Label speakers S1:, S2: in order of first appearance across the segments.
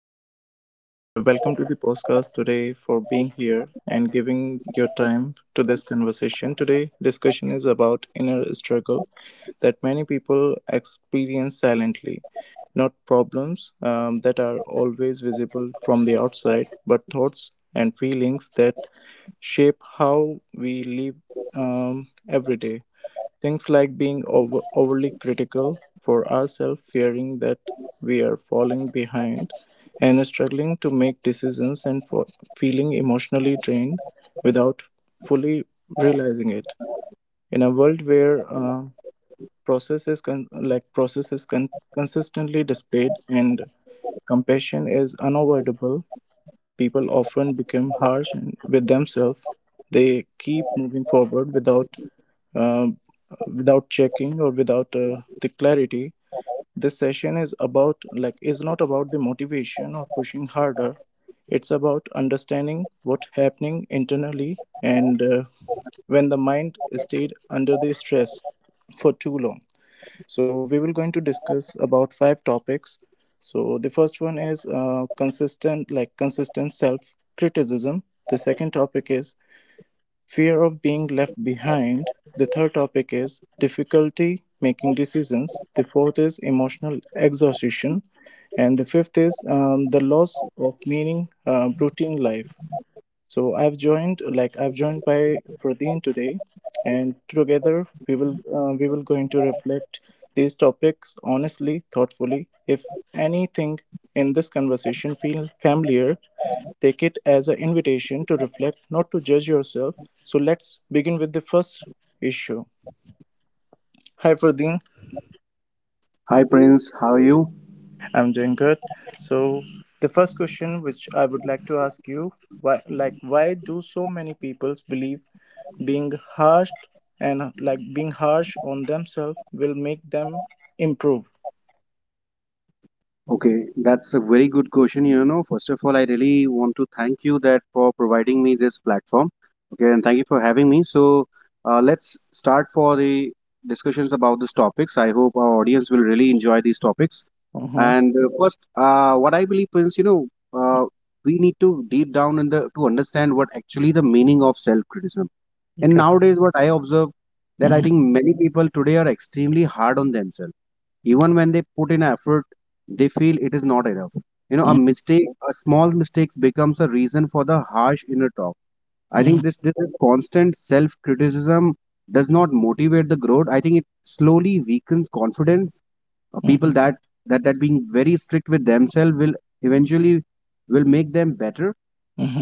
S1: everyone, and welcome to the podcast today for being here and giving your time to this conversation. Today, discussion is about inner struggle that many people experience silently, not problems that are always visible from the outside, but thoughts and feelings that shape how we live every day. Things like being overly critical for ourselves, fearing that we are falling behind, and struggling to make decisions and for feeling emotionally drained without fully realizing it. In a world where process is con- like process is con- consistently displayed and compassion is unavoidable, people often become harsh with themselves. They keep moving forward um, without checking or without the clarity. This session is not about the motivation or pushing harder. It's about understanding what happening internally, and when the mind stayed under the stress for too long. So we will going to discuss about five topics. So the first one is consistent self criticism. The second topic is fear of being left behind, the third topic is difficulty making decisions, the fourth is emotional exhaustion, and the fifth is the loss of meaning, routine life. So I've joined by Pradeen today, and together we will going to reflect these topics honestly, thoughtfully. If anything in this conversation feel familiar, take it as an invitation to reflect, not to judge yourself. So let's begin with the first issue. Hi, Fardeen.
S2: Hi Prince, how are you?
S1: I'm doing good. So the first question which I would like to ask you, why do so many people believe being harsh being harsh on themselves will make them improve?
S2: Okay, that's a very good question. You know, first of all, I really want to thank you that for providing me this platform. Okay, and thank you for having me. So, let's start for the discussions about these topics. I hope our audience will really enjoy these topics.
S1: Mm-hmm.
S2: And first, what I believe, Prince, you know, uh, we need to deep down in the to understand what actually the meaning of self-criticism. And
S1: Okay.
S2: nowadays, what I observe that I
S1: Mm-hmm.
S2: think many people today are extremely hard on themselves even when they put in effort they feel it is not enough, you know, a mistake a small mistake becomes a reason for the harsh inner talk. I think this
S1: Mm-hmm.
S2: this constant self criticism does not motivate the growth. I think it slowly weakens confidence. People
S1: Mm-hmm.
S2: that that being very strict with themselves will eventually will make them better,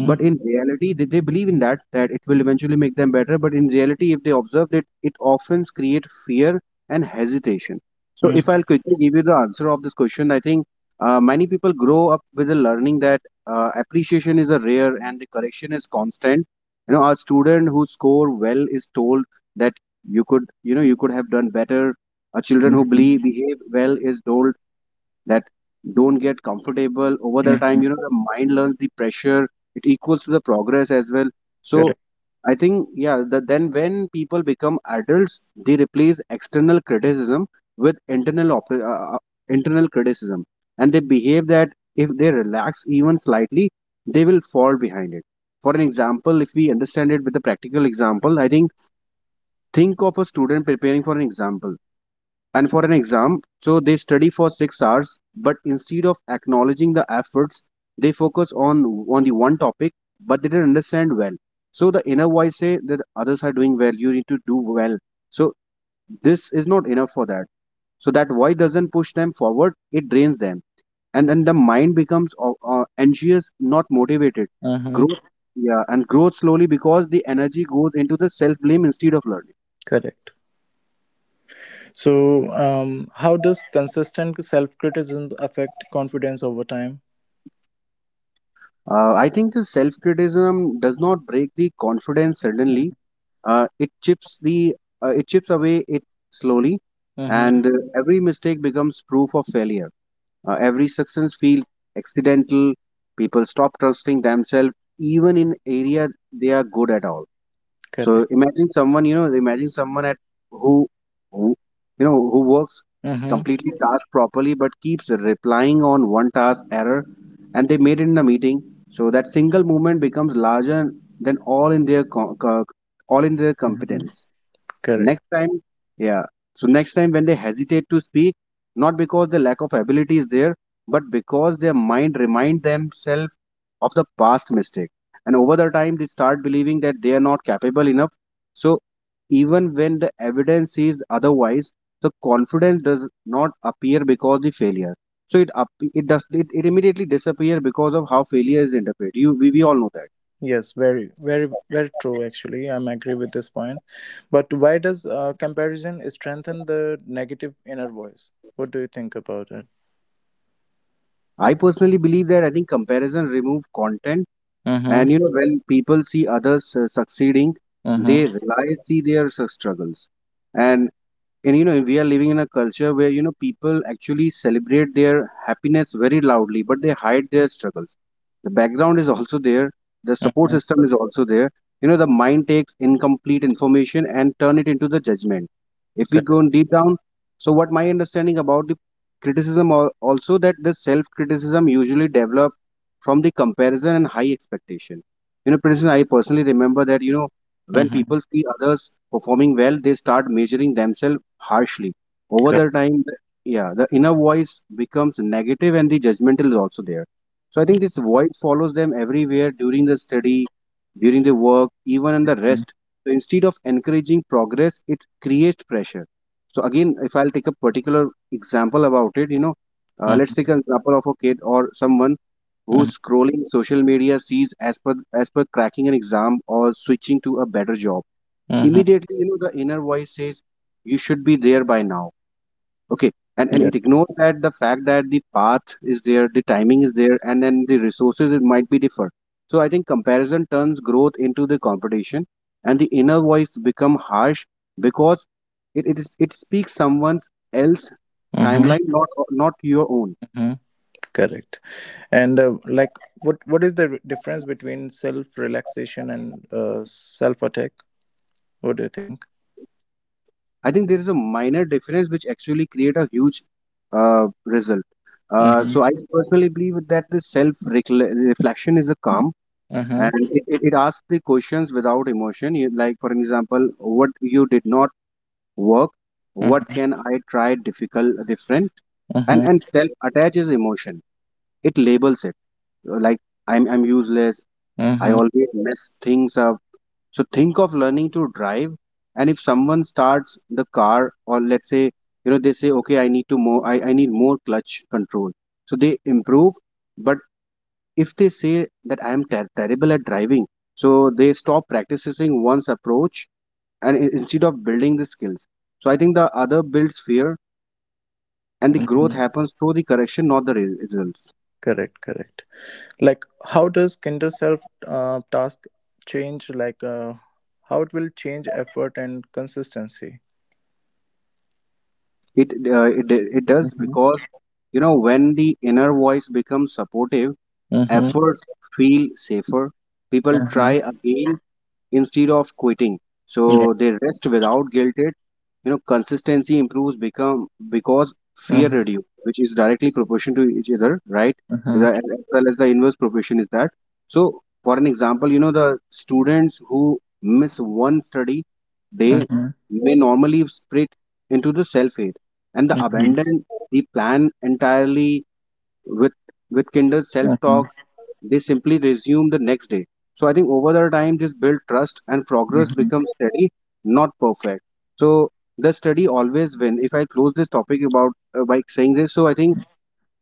S2: but in reality they believe in that that it will eventually make them better, but in reality if they observe that it often create fear and hesitation. So if I'll quickly give you the answer of this question, I think many people grow up with the learning that appreciation is a rare and the correction is constant. You know, a student who score well is told that you could, you know, you could have done better. A children who
S1: Mm-hmm.
S2: believe behave well is told that don't get comfortable over the
S1: Mm-hmm.
S2: time. You know, the mind learns the pressure, it equals to the progress as well. So
S1: Correct.
S2: I think yeah the, then when people become adults they replace external criticism with internal criticism, and they behave that if they relax even slightly they will fall behind it. For an example, if we understand it with a practical example, I think of a student preparing for an example and for an exam. So they study for 6 hours, but instead of acknowledging the efforts, they focus on the one topic, but they didn't understand well. So the inner voice say that others are doing well, you need to do well. So this is not enough for that. So that voice doesn't push them forward; it drains them, and then the mind becomes anxious, not motivated.
S1: Mm-hmm.
S2: Growth, yeah, and growth slowly because the energy goes into the self blame instead of love.
S1: Correct. So, how does consistent self criticism affect confidence over time?
S2: I think the self criticism does not break the confidence suddenly. Uh, it chips the it chips away it slowly,
S1: Mm-hmm.
S2: and every mistake becomes proof of failure. Every success feels accidental. People stop trusting themselves even in area they are good at all.
S1: Correct.
S2: So imagine someone, you know, imagine someone at who, who, you know, who works
S1: Mm-hmm.
S2: completely task properly but keeps replying on one task error, and they made it in a meeting. So that single movement becomes larger than all in their all in their
S1: Mm-hmm.
S2: competence
S1: Correct.
S2: next time. Yeah, so next time when they hesitate to speak, not because the lack of ability is there but because their mind remind themselves of the past mistake, and over the time they start believing that they are not capable enough. So even when the evidence is otherwise, the confidence does not appear because the failure. So it does it immediately disappear because of how failure is interpreted. You we all know that.
S1: Yes, very, very, very true. Actually, I'm agree with this point. But why does comparison strengthen the negative inner voice? What do you think about it?
S2: I personally believe that I think comparison remove content.
S1: Mm-hmm.
S2: And you know, when people see others succeeding, they
S1: Mm-hmm.
S2: realize see their struggles, and you know we are living in a culture where you know people actually celebrate their happiness very loudly but they hide their struggles. The background is also there, the
S1: Mm-hmm.
S2: support system is also there. You know, the mind takes incomplete information and turn it into the judgment if we go
S1: Correct.
S2: in deep down. So what my understanding about the also that the self criticism usually develop from the comparison and high expectation. You know Princess, I personally remember that you know when
S1: Mm-hmm.
S2: people see others performing well they start measuring themselves harshly. Over
S1: Correct.
S2: the time, yeah, the inner voice becomes negative and the judgmental is also there. So I think this voice follows them everywhere during the study, during the work, even in the
S1: Mm-hmm.
S2: rest. So instead of encouraging progress, it creates pressure. So again, if I'll take a particular example about it, you know, let's
S1: Mm-hmm.
S2: take an example of a kid or someone
S1: Mm-hmm.
S2: who's scrolling social media sees as per cracking an exam or switching to a better job.
S1: Mm-hmm.
S2: Immediately, you know, the inner voice says you should be there by now. Okay, and
S1: Yeah.
S2: it ignores that the fact that the path is there, the timing is there, and then the resources it might be differ. So I think comparison turns growth into the competition, and the inner voice become harsh because it speaks someone's else
S1: Mm-hmm.
S2: timeline, not not your own.
S1: Mm-hmm. Correct. And like, what is the difference between self relaxation and self attack? What do you think?
S2: I think there is a minor difference which actually create a huge uh, result.
S1: Mm-hmm.
S2: So I personally believe that the self reflection is a calm, and
S1: Mm-hmm.
S2: it asks the questions without emotion. You- like for example what you did not work, what
S1: Mm-hmm.
S2: can I try difficult different. and
S1: Mm-hmm.
S2: and self attaches emotion, it labels it like I'm useless, I
S1: Mm-hmm.
S2: always mess things up. So think of learning to drive, and if someone starts the car or let's say you know they say okay I need to more I need more clutch control, so they improve. But if they say that I am terrible at driving, so they stop practicing one's approach and instead of building the skills. So I think the other builds fear, and the growth
S1: Mm-hmm.
S2: happens through the correction, not the results.
S1: Correct. Correct. Like, how does kinder self task change? Like, how it will change effort and consistency?
S2: It it does
S1: Mm-hmm.
S2: because you know when the inner voice becomes supportive,
S1: Mm-hmm.
S2: efforts feel safer. People try
S1: Mm-hmm.
S2: again instead of quitting.
S1: Yeah.
S2: So they rest without guilted. You know, consistency improves become because fear
S1: Mm-hmm.
S2: reduce, which is directly proportion to each other, right?
S1: Mm-hmm.
S2: The- as well as the inverse proportion is that. So for an example, you know, the students who miss one study day
S1: Mm-hmm.
S2: may normally split into the self-hate and the
S1: Mm-hmm.
S2: abandon the plan entirely with with kinder self-talk,
S1: Mm-hmm.
S2: they simply resume the next day. So I think over the time this build trust and progress
S1: Mm-hmm.
S2: becomes steady, not perfect. So the study always win. If I close this topic about by saying this, so I think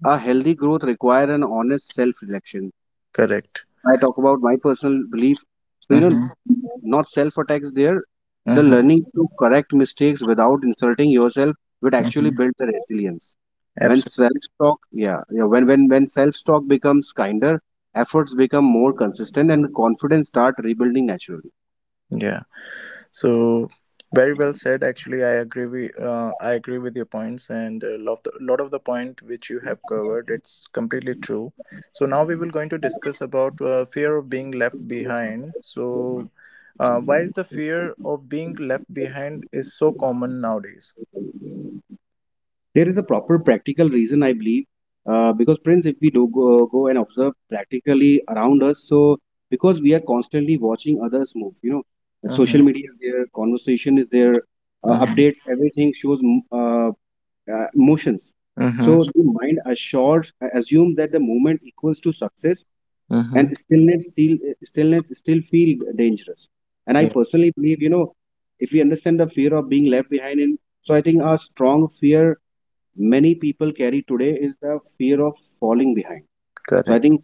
S2: a healthy growth require an honest self reflection.
S1: Correct.
S2: I talk about my personal belief. So, you know,
S1: Mm-hmm.
S2: not self attacks there. The
S1: Mm-hmm.
S2: learning to correct mistakes without insulting yourself would actually
S1: Mm-hmm.
S2: build the resilience. When self
S1: Absolutely.
S2: talk, yeah, yeah, when when self talk becomes kinder, efforts become more consistent, and confidence start rebuilding naturally.
S1: Yeah. So very well said. Actually, I agree. I agree with your points and a lot of the point which you have covered. It's completely true. So now we will going to discuss about fear of being left behind. So why is the fear of being left behind is so common nowadays?
S2: There is a proper practical reason I believe. Because Prince, if we do go and observe practically around us, so because we are constantly watching others move, you know, the social
S1: Mm-hmm.
S2: media is there, conversation is there,
S1: Mm-hmm.
S2: updates everything shows motions. So
S1: Mm-hmm.
S2: the mind assures assumes that the movement equals to success, and
S1: Mm-hmm.
S2: stillness still feel dangerous. And I
S1: Yeah.
S2: personally believe you know if we understand the fear of being left behind in, so I think our strong fear many people carry today is the fear of falling behind. So I
S1: Correct.
S2: think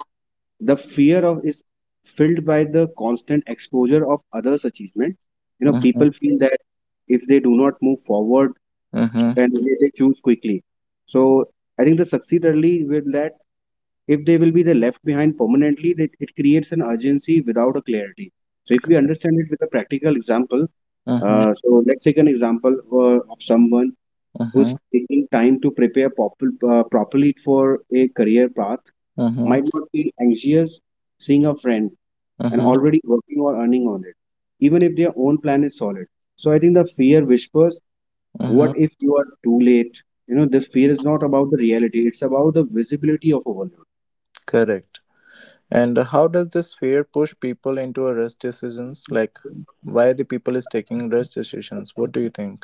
S2: the fear of is filled by the constant exposure of others' achievement. You know, people
S1: Mm-hmm.
S2: feel that if they do not move forward
S1: Mm-hmm.
S2: and they choose quickly. So I think the succeed early with that, if they will be the left behind permanently, that it creates an urgency without a clarity. So if we
S1: Correct.
S2: understand it with a practical example,
S1: Mm-hmm.
S2: so let's take an example of someone
S1: Mm-hmm.
S2: who's taking time to prepare properly for a career path,
S1: Mm-hmm.
S2: might not feel anxious seeing a friend and
S1: Mm-hmm.
S2: already working or earning on it, even if their own plan is solid. So I think the fear whispers,
S1: Mm-hmm.
S2: what if you are too late? You know, this fear is not about the reality, it's about the visibility of overload.
S1: Correct. And how does this fear push people into a rush decisions? Like, why the people is taking rush decisions? What do you think?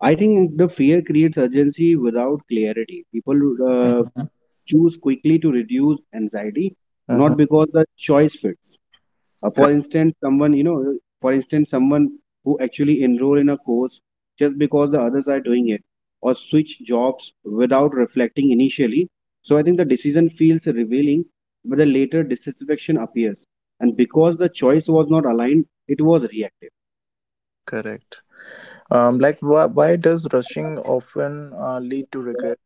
S2: I think the fear creates urgency without clarity. People uh,
S1: Mm-hmm.
S2: choose quickly to reduce anxiety,
S1: Mm-hmm.
S2: not because the choice fits. Uh, for
S1: Correct.
S2: instance, someone you know, for instance, someone who actually enroll in a course just because the others are doing it, or switch jobs without reflecting initially. So I think the decision feels revealing, but the later dissatisfaction appears, and because the choice was not aligned, it was reactive.
S1: Correct. Like, why does rushing often lead to regret?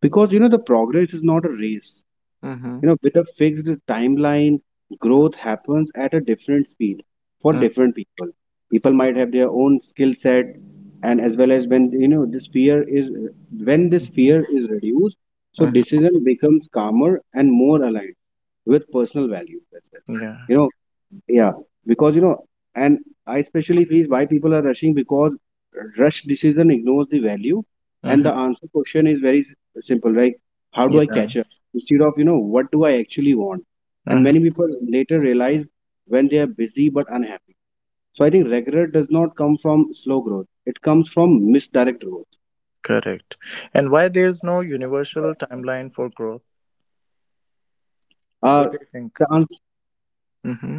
S2: Because you know the progress is not a race;
S1: Mm-hmm.
S2: you know, with a fixed timeline, growth happens at a different speed for different people. People might have their own skill set, and as well as when this
S1: Mm-hmm.
S2: fear is reduced, so
S1: Mm-hmm.
S2: decision becomes calmer and more aligned with personal values as well.
S1: Yeah.
S2: You know, yeah because you know and I especially feel why people are rushing because rush decision ignores the value, and
S1: Mm-hmm.
S2: the answer question is very simple, like, how do I
S1: Yeah.
S2: catch up instead of what do I actually want? And
S1: Mm-hmm.
S2: many people later realize when they are busy but unhappy. So I think regret does not come from slow growth, it comes from misdirect growth.
S1: Correct. And why there is no universal timeline for growth?
S2: uh,
S1: What do you think?
S2: the ans-
S1: Mm-hmm.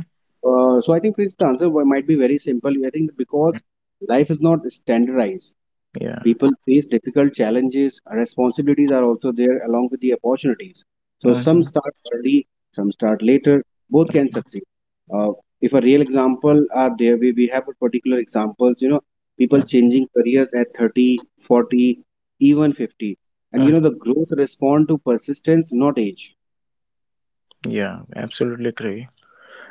S2: uh, so I think, Prince, the answer might be very simple. I think because life is not standardized,
S1: Yeah.
S2: people face difficult challenges, responsibilities are also there along with the opportunities. So some
S1: Mm-hmm.
S2: start early, some start later, both can succeed. uh, if a real example are there, we have a particular examples, you know, people changing careers at 30 40 even 50, and you
S1: Mm-hmm.
S2: know the growth respond to persistence not age.
S1: Yeah. Absolutely agree.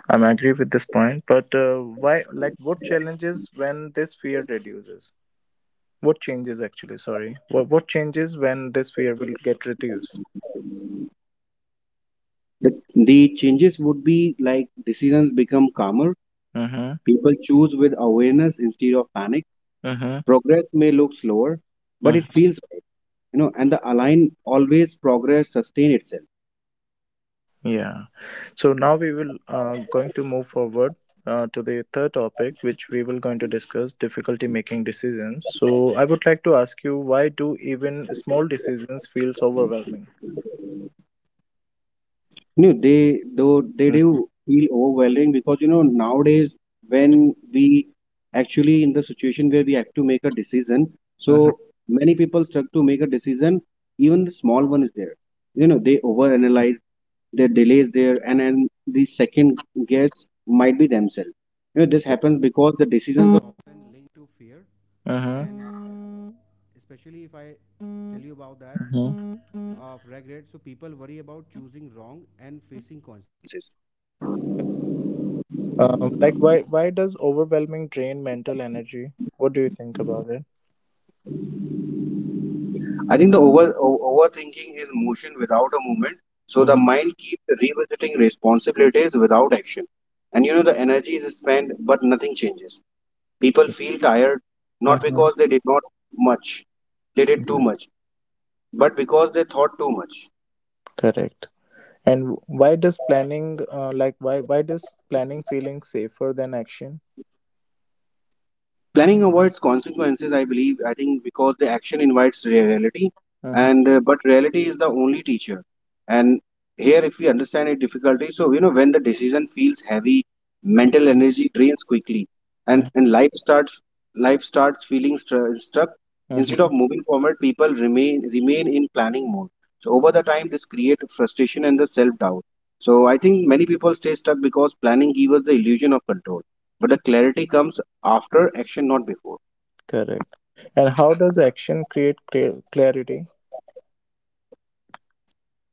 S1: I'm agree with this point, but why? Like, what challenges when this fear reduces? What changes actually? Sorry, what changes when this fear will get reduced?
S2: The changes would be like decisions become calmer,
S1: Mm-hmm.
S2: people choose with awareness instead of panic.
S1: Mm-hmm.
S2: Progress may look slower but it
S1: Mm-hmm.
S2: feels, and the align always progress sustain itself.
S1: Yeah. So now we will going to move forward to the third topic, which we will going to discuss difficulty making decisions. So I would like to ask you, why do even small decisions feels overwhelming?
S2: They though they
S1: Mm-hmm.
S2: do feel overwhelming because nowadays when we actually in the situation where we have to make a decision, so
S1: Mm-hmm.
S2: many people stuck to make a decision, even the small one is there. You know they overanalyze, their delays there, and the second guess might be themselves. You know this happens because the decision.
S1: Mm-hmm. Mm-hmm. Like why does overwhelming drain mental energy? What do you think about it?
S2: I think the overthinking is motion without a movement. So the
S1: Mm-hmm.
S2: mind keeps revisiting responsibilities without action. And you know the energy is spent but nothing changes. People feel tired not
S1: Uh-huh.
S2: because they did not much, they did too
S1: Yeah.
S2: much, but because they thought too much.
S1: Correct. And why does planning feeling safer than action?
S2: Planning avoids consequences, I believe. I think because the action invites reality,
S1: Uh-huh.
S2: and but reality is the only teacher. And here if we understand it difficulty, so you know when the decision feels heavy, mental energy drains quickly, and
S1: Uh-huh.
S2: life starts feeling stuck. Instead of
S1: Uh-huh.
S2: moving forward people remain in planning mode. So over the time this creates frustration and the self doubt. So I think many people stay stuck because planning gives us the illusion of control, but the clarity comes after action, not before.
S1: Correct. And how does action create clarity?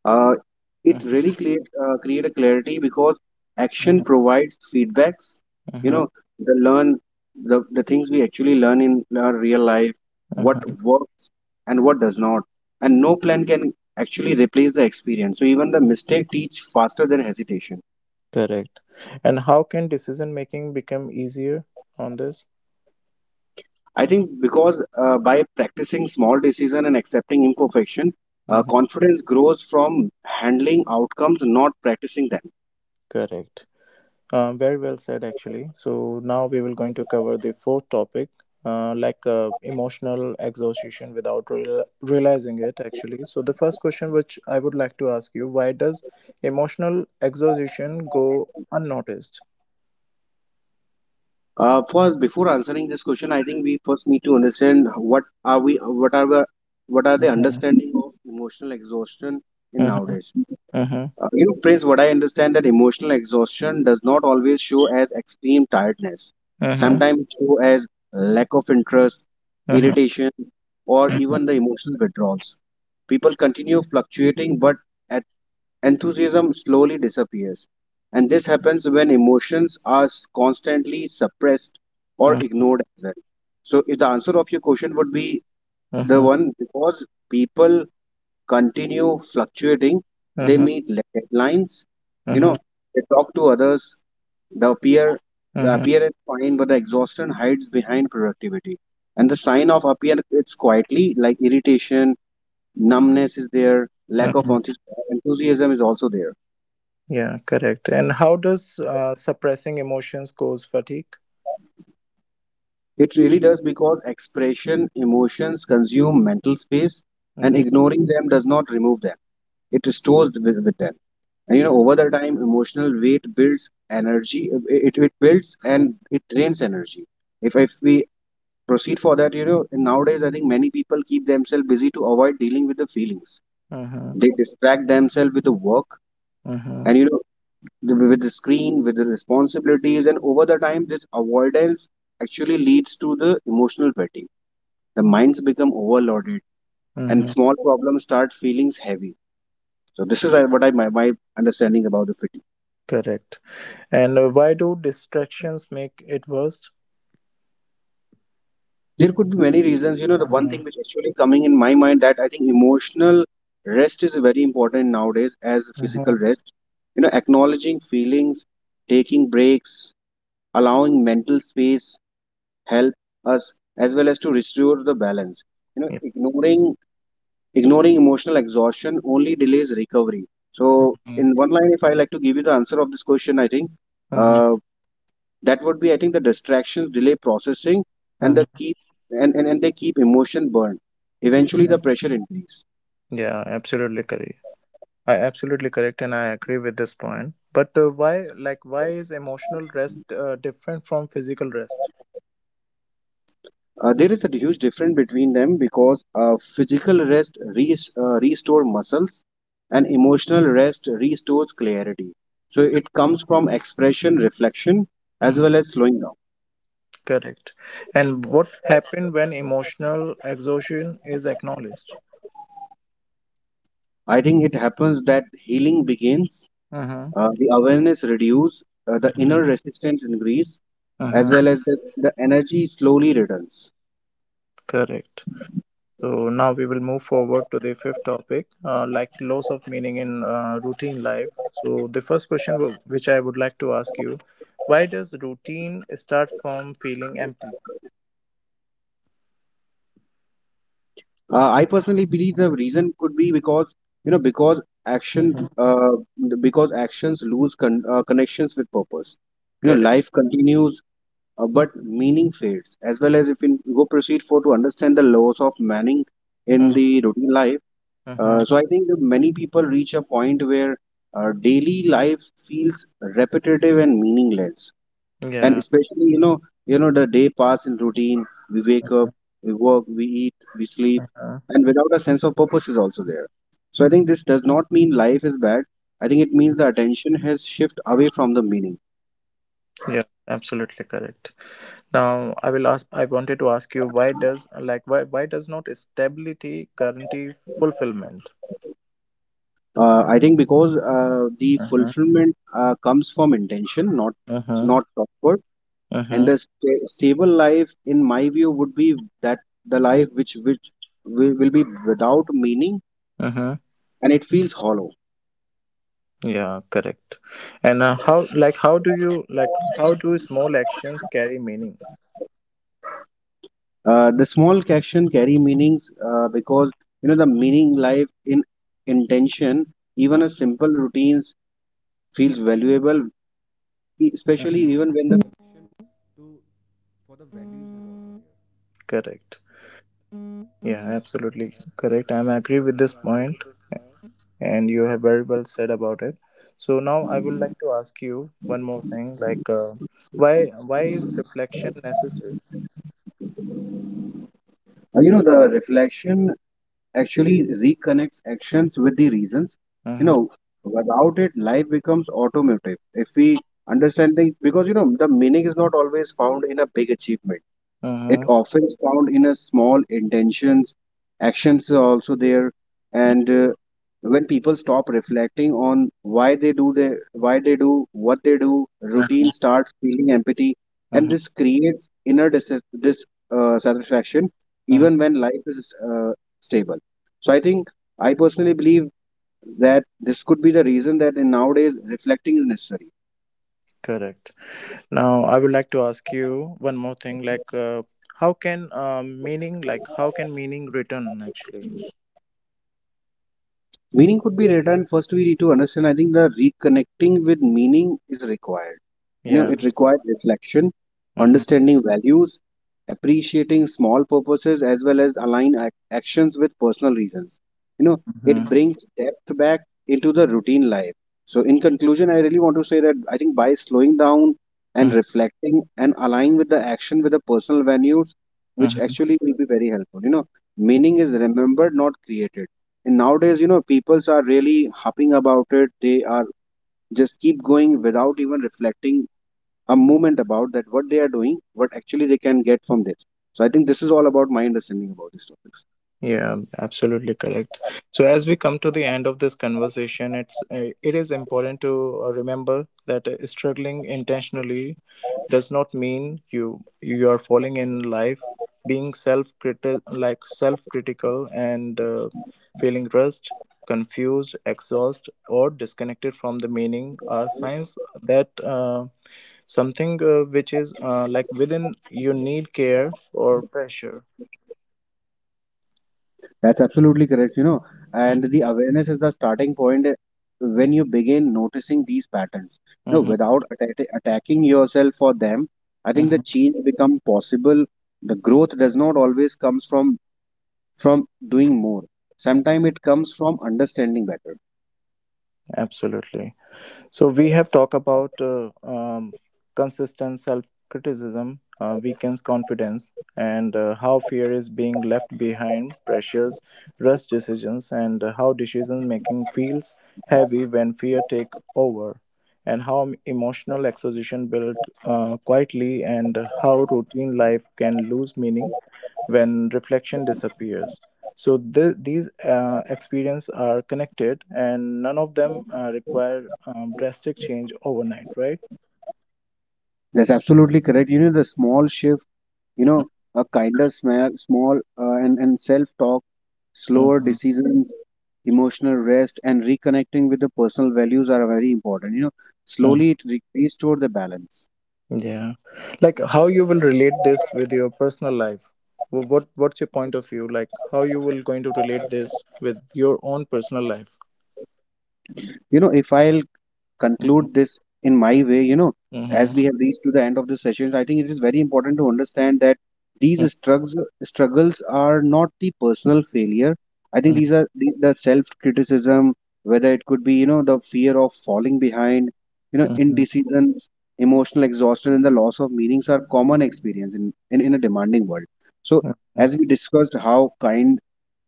S2: uh, it really
S1: Uh-huh.
S2: create a clarity because action
S1: Uh-huh.
S2: provides feedbacks, you
S1: Uh-huh.
S2: know the learn the things we actually learn in our real life, what
S1: Uh-huh.
S2: works and what does not. And no plan can actually replace the experience, so even the mistake teach faster than hesitation.
S1: Correct. And how can decision making become easier on this?
S2: I think because by practicing small decision and accepting imperfection,
S1: Uh-huh.
S2: confidence grows from handling outcomes, not practicing them.
S1: Correct. Very well said, actually. So now we will going to cover the fourth topic, like emotional exhaustion without realizing it, actually. So the first question which I would like to ask you, why does emotional exhaustion go unnoticed?
S2: For before answering this question, I think we first need to understand what are we, what are the
S1: Mhm.
S2: understanding of emotional exhaustion in
S1: Mhm.
S2: nowadays.
S1: Mhm.
S2: Prince, what I understand that emotional exhaustion does not always show as extreme tiredness.
S1: Mhm.
S2: Sometimes it show as lack of interest,
S1: Mhm.
S2: irritation, or
S1: Mhm.
S2: even the emotional withdrawals. People continue fluctuating, but enthusiasm slowly disappears. And this happens when emotions are constantly suppressed or ignored as well. So, if the answer of your question would be
S1: Mhm.
S2: the
S1: Mhm.
S2: one, because people continue fluctuating, they
S1: Mhm.
S2: meet deadlines, you
S1: Mhm.
S2: know, they talk to others, the appear, the
S1: Mhm.
S2: appearance fine, but the exhaustion hides behind productivity. And the sign of appearance it's quietly like irritation, numbness is there, lack of
S1: Mhm.
S2: enthusiasm is also there.
S1: Yeah, correct. And how does suppressing emotions cause fatigue?
S2: It really does because expression, emotions consume mental space, and
S1: Mm-hmm.
S2: ignoring them does not remove them. It restores with them. And
S1: Yeah.
S2: over the time, emotional weight builds energy. It builds and it drains energy. If we proceed for that, nowadays I think many people keep themselves busy to avoid dealing with the feelings.
S1: Mm-hmm.
S2: They distract themselves with the work,
S1: Mm-hmm.
S2: and with the screen, with the responsibilities, and over the time, this avoidance actually leads to the emotional fatigue. The minds become overloaded, and
S1: Mm-hmm.
S2: small problems start feeling heavy. So this is, my understanding about the fatigue.
S1: Correct. And why do distractions make it worse?
S2: There could be many reasons. You know, the one
S1: Mhm.
S2: thing which actually coming in my mind that I think emotional rest is very important nowadays as physical
S1: Mhm.
S2: rest. You know, acknowledging feelings, taking breaks, allowing mental space help us as well as to restore the balance. You know,
S1: Yeah.
S2: ignoring ignoring emotional exhaustion only delays recovery. So
S1: Mhm.
S2: in one line, if I like to give you the answer of this question, I think,
S1: Mhm.
S2: uh, that would be, I think, the distractions delay processing, and
S1: Mhm.
S2: they keep emotion burned. Eventually the pressure increase.
S1: Yeah, absolutely correct. I absolutely correct, and I agree with this point. But why, like, why is emotional rest different from physical rest?
S2: There is a huge difference between them because physical rest restore muscles, and emotional rest restores clarity. So it comes from expression reflection as
S1: Hmm.
S2: well as slowing down.
S1: Correct. And what happened when emotional exhaustion is acknowledged?
S2: I think it happens that healing begins.
S1: Mm-hmm.
S2: The awareness reduces, the
S1: Mm-hmm.
S2: inner resistance increase, as
S1: Mm-hmm.
S2: well as the energy slowly returns.
S1: Correct. So now we will move forward to the fifth topic, like loss of meaning in routine life. So the first question which I would like to ask you, why does routine start from feeling empty?
S2: I personally believe the reason could be because because
S1: Mhm.
S2: action because actions lose connections with purpose. You know
S1: Correct.
S2: life continues, but meaning fades. As well as if you go proceed for to understand the laws of meaning in
S1: Mm-hmm.
S2: the routine life.
S1: Mm-hmm.
S2: So I think that many people reach a point where daily life feels repetitive and meaningless, and
S1: Yeah.
S2: especially the day pass in routine, we wake up, we work, we eat, we sleep,
S1: uh huh.
S2: and without a sense of purpose is also there. So I think this does not mean life is bad. I think it means the attention has shifted away from the meaning.
S1: Yeah. Absolutely correct. Now I will ask. I wanted to ask you why does not stability guarantee fulfillment?
S2: I think because the
S1: Uh huh.
S2: fulfillment comes from intention, not
S1: Uh huh.
S2: not comfort,
S1: Uh
S2: and the stable life in my view would be that the life which will be without meaning,
S1: huh.
S2: and it feels hollow.
S1: Yeah, correct. And how, like, how do you, like, how do small actions carry meanings?
S2: The small action carry meanings because the meaning lies in intention.
S1: Uh,
S2: Even a simple routines feels valuable, especially even
S1: mhm.
S2: when.
S1: Correct. Yeah, absolutely correct. I'm agree with this point, and you have very well said about it. So now I would like to ask you one more thing, like, why is reflection necessary?
S2: The reflection actually reconnects actions with the reasons. You
S1: Mm-hmm.
S2: know, without it, life becomes automotive. If we understand things, because the meaning is not always found in a big achievement. It
S1: Mm-hmm.
S2: often is found in a small intentions, actions are also there, and when people stop reflecting on why they do what they do, routine
S1: Mm-hmm.
S2: starts feeling empty,
S1: Hmm.
S2: and this creates inner dis, dis satisfaction even when life is, stable. So I think I personally believe that this could be the reason that in nowadays reflecting is necessary.
S1: Correct. Now I would like to ask you one more thing, like, how can meaning return actually?
S2: Meaning could be written first we need to understand. I think the reconnecting with meaning is required. You know, it
S1: Yeah.
S2: requires reflection,
S1: Mm-hmm.
S2: understanding values, appreciating small purposes, as well as align actions with personal reasons. You know,
S1: Mm-hmm.
S2: it brings depth back into the routine life. So, in conclusion, I really want to say that I think by slowing down and
S1: Mm-hmm.
S2: reflecting and aligning with the action with the personal values, which
S1: Mm-hmm.
S2: actually will be very helpful. You know, meaning is remembered, not created. And nowadays, you know, peoples are really hopping about it. They are just keep going without even reflecting a moment about that what they are doing, what actually they can get from this. So I think this is all about my understanding about these topics.
S1: Yeah, absolutely correct. So as we come to the end of this conversation, it is important to remember that struggling intentionally does not mean you are falling in life. Being self critical and feeling rushed, confused, exhausted, or disconnected from the meaning are signs that. Something which is like within you need care or pressure.
S2: That's absolutely correct, you know. And the awareness is the starting point when you begin noticing these patterns. You know,
S1: Mm-hmm.
S2: without attacking yourself for them, I think the
S1: Hmm.
S2: change become possible. The growth does not always comes from doing more. Sometimes it comes from understanding better.
S1: Absolutely. So we have talked about consistent self-criticism weakens confidence, and how fear is being left behind pressures rush decisions, and how decision making feels heavy when fear take over, and how emotional exhaustion built quietly, and how routine life can lose meaning when reflection disappears. So these experiences are connected, and none of them require drastic change overnight, right?
S2: That's absolutely correct. You know, the small shift, you know, a kinder smell, small, and self talk, slower
S1: Hmm.
S2: decisions, emotional rest, and reconnecting with the personal values are very important. You know,
S1: Hmm.
S2: slowly it restore the balance.
S1: Yeah, like how you will relate this with your personal life. What's your point of view? Like how you will going to relate this with your own personal life?
S2: You know, if I'll
S1: Mm-hmm.
S2: conclude this in my way, you know, as
S1: Mm-hmm.
S2: we have reached to the end of the session, I think it is very important to understand that these struggles are not the personal failure. I think these
S1: Mm-hmm.
S2: are the self criticism, whether it could be the fear of falling behind,
S1: Mm-hmm.
S2: indecisions, emotional exhaustion, and the loss of meanings are common experience in in a demanding world. So
S1: Mm-hmm.
S2: as we discussed how kind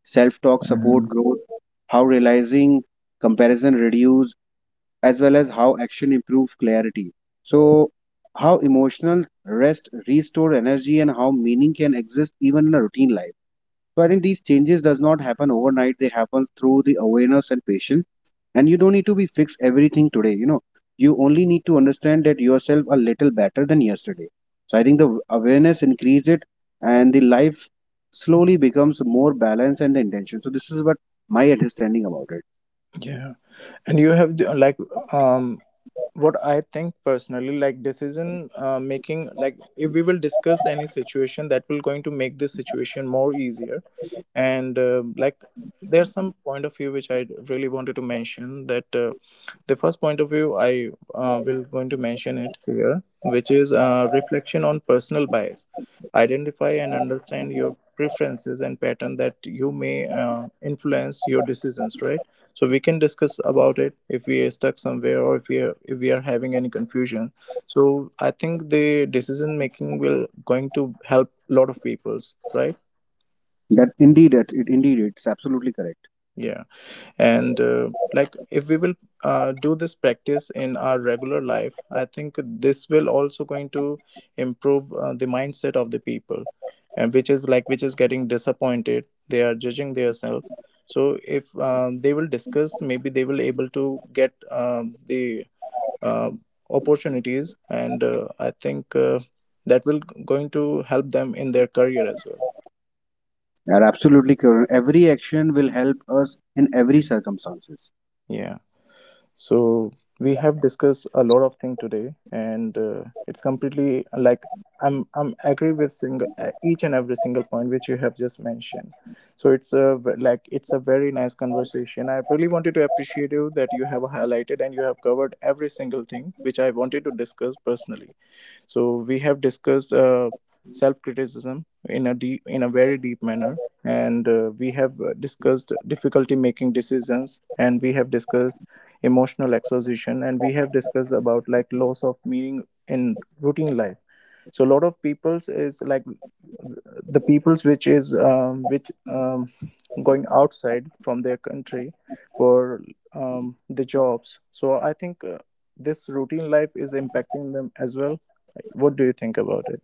S2: self talk support
S1: Mm-hmm.
S2: growth, how realizing comparison reduce as well as how action improves clarity. So, how emotional rest restore energy and how meaning can exist even in a routine life. So, I think these changes does not happen overnight. They happen through the awareness and patience. And you don't need to be fixed everything today. You know, you only need to understand that yourself a little better than yesterday. So, I think the awareness increase it, and the life slowly becomes more balanced and the intention. So, this is what my understanding about it.
S1: Yeah, and you have um what I think personally, like decision making, like if we will discuss any situation that will going to make this situation more easier, and like there's some point of view which I really wanted to mention, that the first point of view I will going to mention it here, which is reflection on personal bias, identify and understand your preferences and pattern that you may uh, influence your decisions, right? So we can discuss about it if we are stuck somewhere, or if we are having any confusion. So I think the decision making will going to help a lot of peoples, right?
S2: That indeed, it indeed, it's absolutely correct.
S1: Yeah, and like if we will do this practice in our regular life, I think this will also going to improve the mindset of the people, and which is getting disappointed, they are judging themselves. So if they will discuss, maybe they will able to get the uh, opportunities, and I think that will going to help them in their career as well.
S2: You are absolutely correct. Every action will help us in every circumstances.
S1: Yeah. So we have discussed a lot of things today, and it's completely like I'm agree with single each and every single point which you have just mentioned. So it's a very nice conversation. I really wanted to appreciate you that you have highlighted and you have covered every single thing which I wanted to discuss personally. So we have discussed self-criticism in a very deep manner, and we have discussed difficulty making decisions, and we have discussed emotional exhaustion, and we have discussed about like loss of meaning in routine life. So a lot of people's is like the peoples which going outside from their country for the jobs. So I think this routine life is impacting them as well. Like, what do you think about it,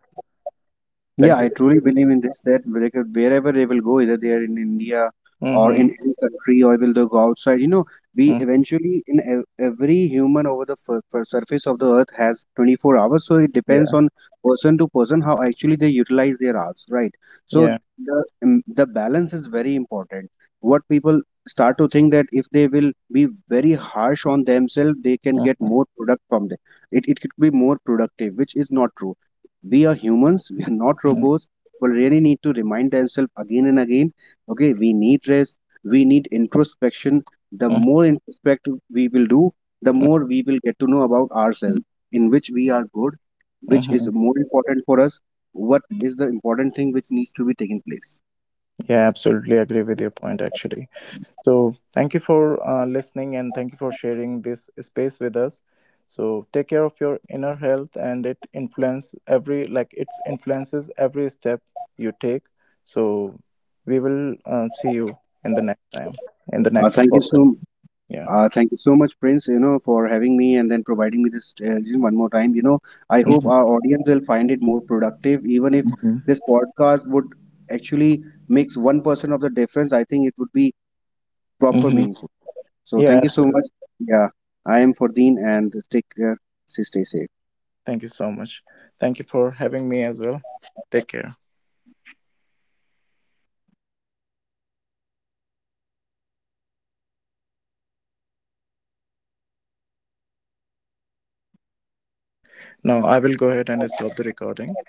S1: like
S2: Yeah,
S1: they?
S2: I truly believe in this that, like, wherever they will go, either they are in India or in
S1: Mm-hmm.
S2: any country, or will they go outside, you know, we
S1: Mm.
S2: eventually in every human over the surface of the earth has 24 hours. So it depends
S1: Yeah.
S2: on person to person how actually they utilize their hours, right? So
S1: Yeah.
S2: the balance is very important. What people start to think that if they will be very harsh on themselves, they can get
S1: Mhm.
S2: more product from them. It could be more productive, which is not true. We are humans, we are not
S1: Mhm.
S2: robots. People really need to remind themselves again and again, okay, we need rest, we need introspection. The
S1: Mhm.
S2: more introspective we will do, the more we will get to know about ourselves, in which we are good, which is
S1: Mhm.
S2: more important for us, what is the important thing which needs to be taken place.
S1: Yeah, absolutely agree with your point, actually. So, thank you for listening, and thank you for sharing this space with us. So, take care of your inner health and it influence every like it influences every step you take. So, we will see you in the next time, in the
S2: uh,
S1: next
S2: thank you so
S1: podcast. Yeah.
S2: Thank you so much, Prince, you know, for having me and then providing me this, one more time. You know, I hope
S1: Hmm.
S2: our audience will find it more productive. Even if
S1: Hmm.
S2: this podcast would actually makes 1% of the difference, I think it would be proper
S1: Hmm.
S2: meaningful. So
S1: Yeah,
S2: thank you so
S1: absolutely.
S2: much. Yeah, I am Fordeen and take care. Stay safe.
S1: Thank you so much. Thank you for having me as well. Take care. Now, I will go ahead and stop the recording.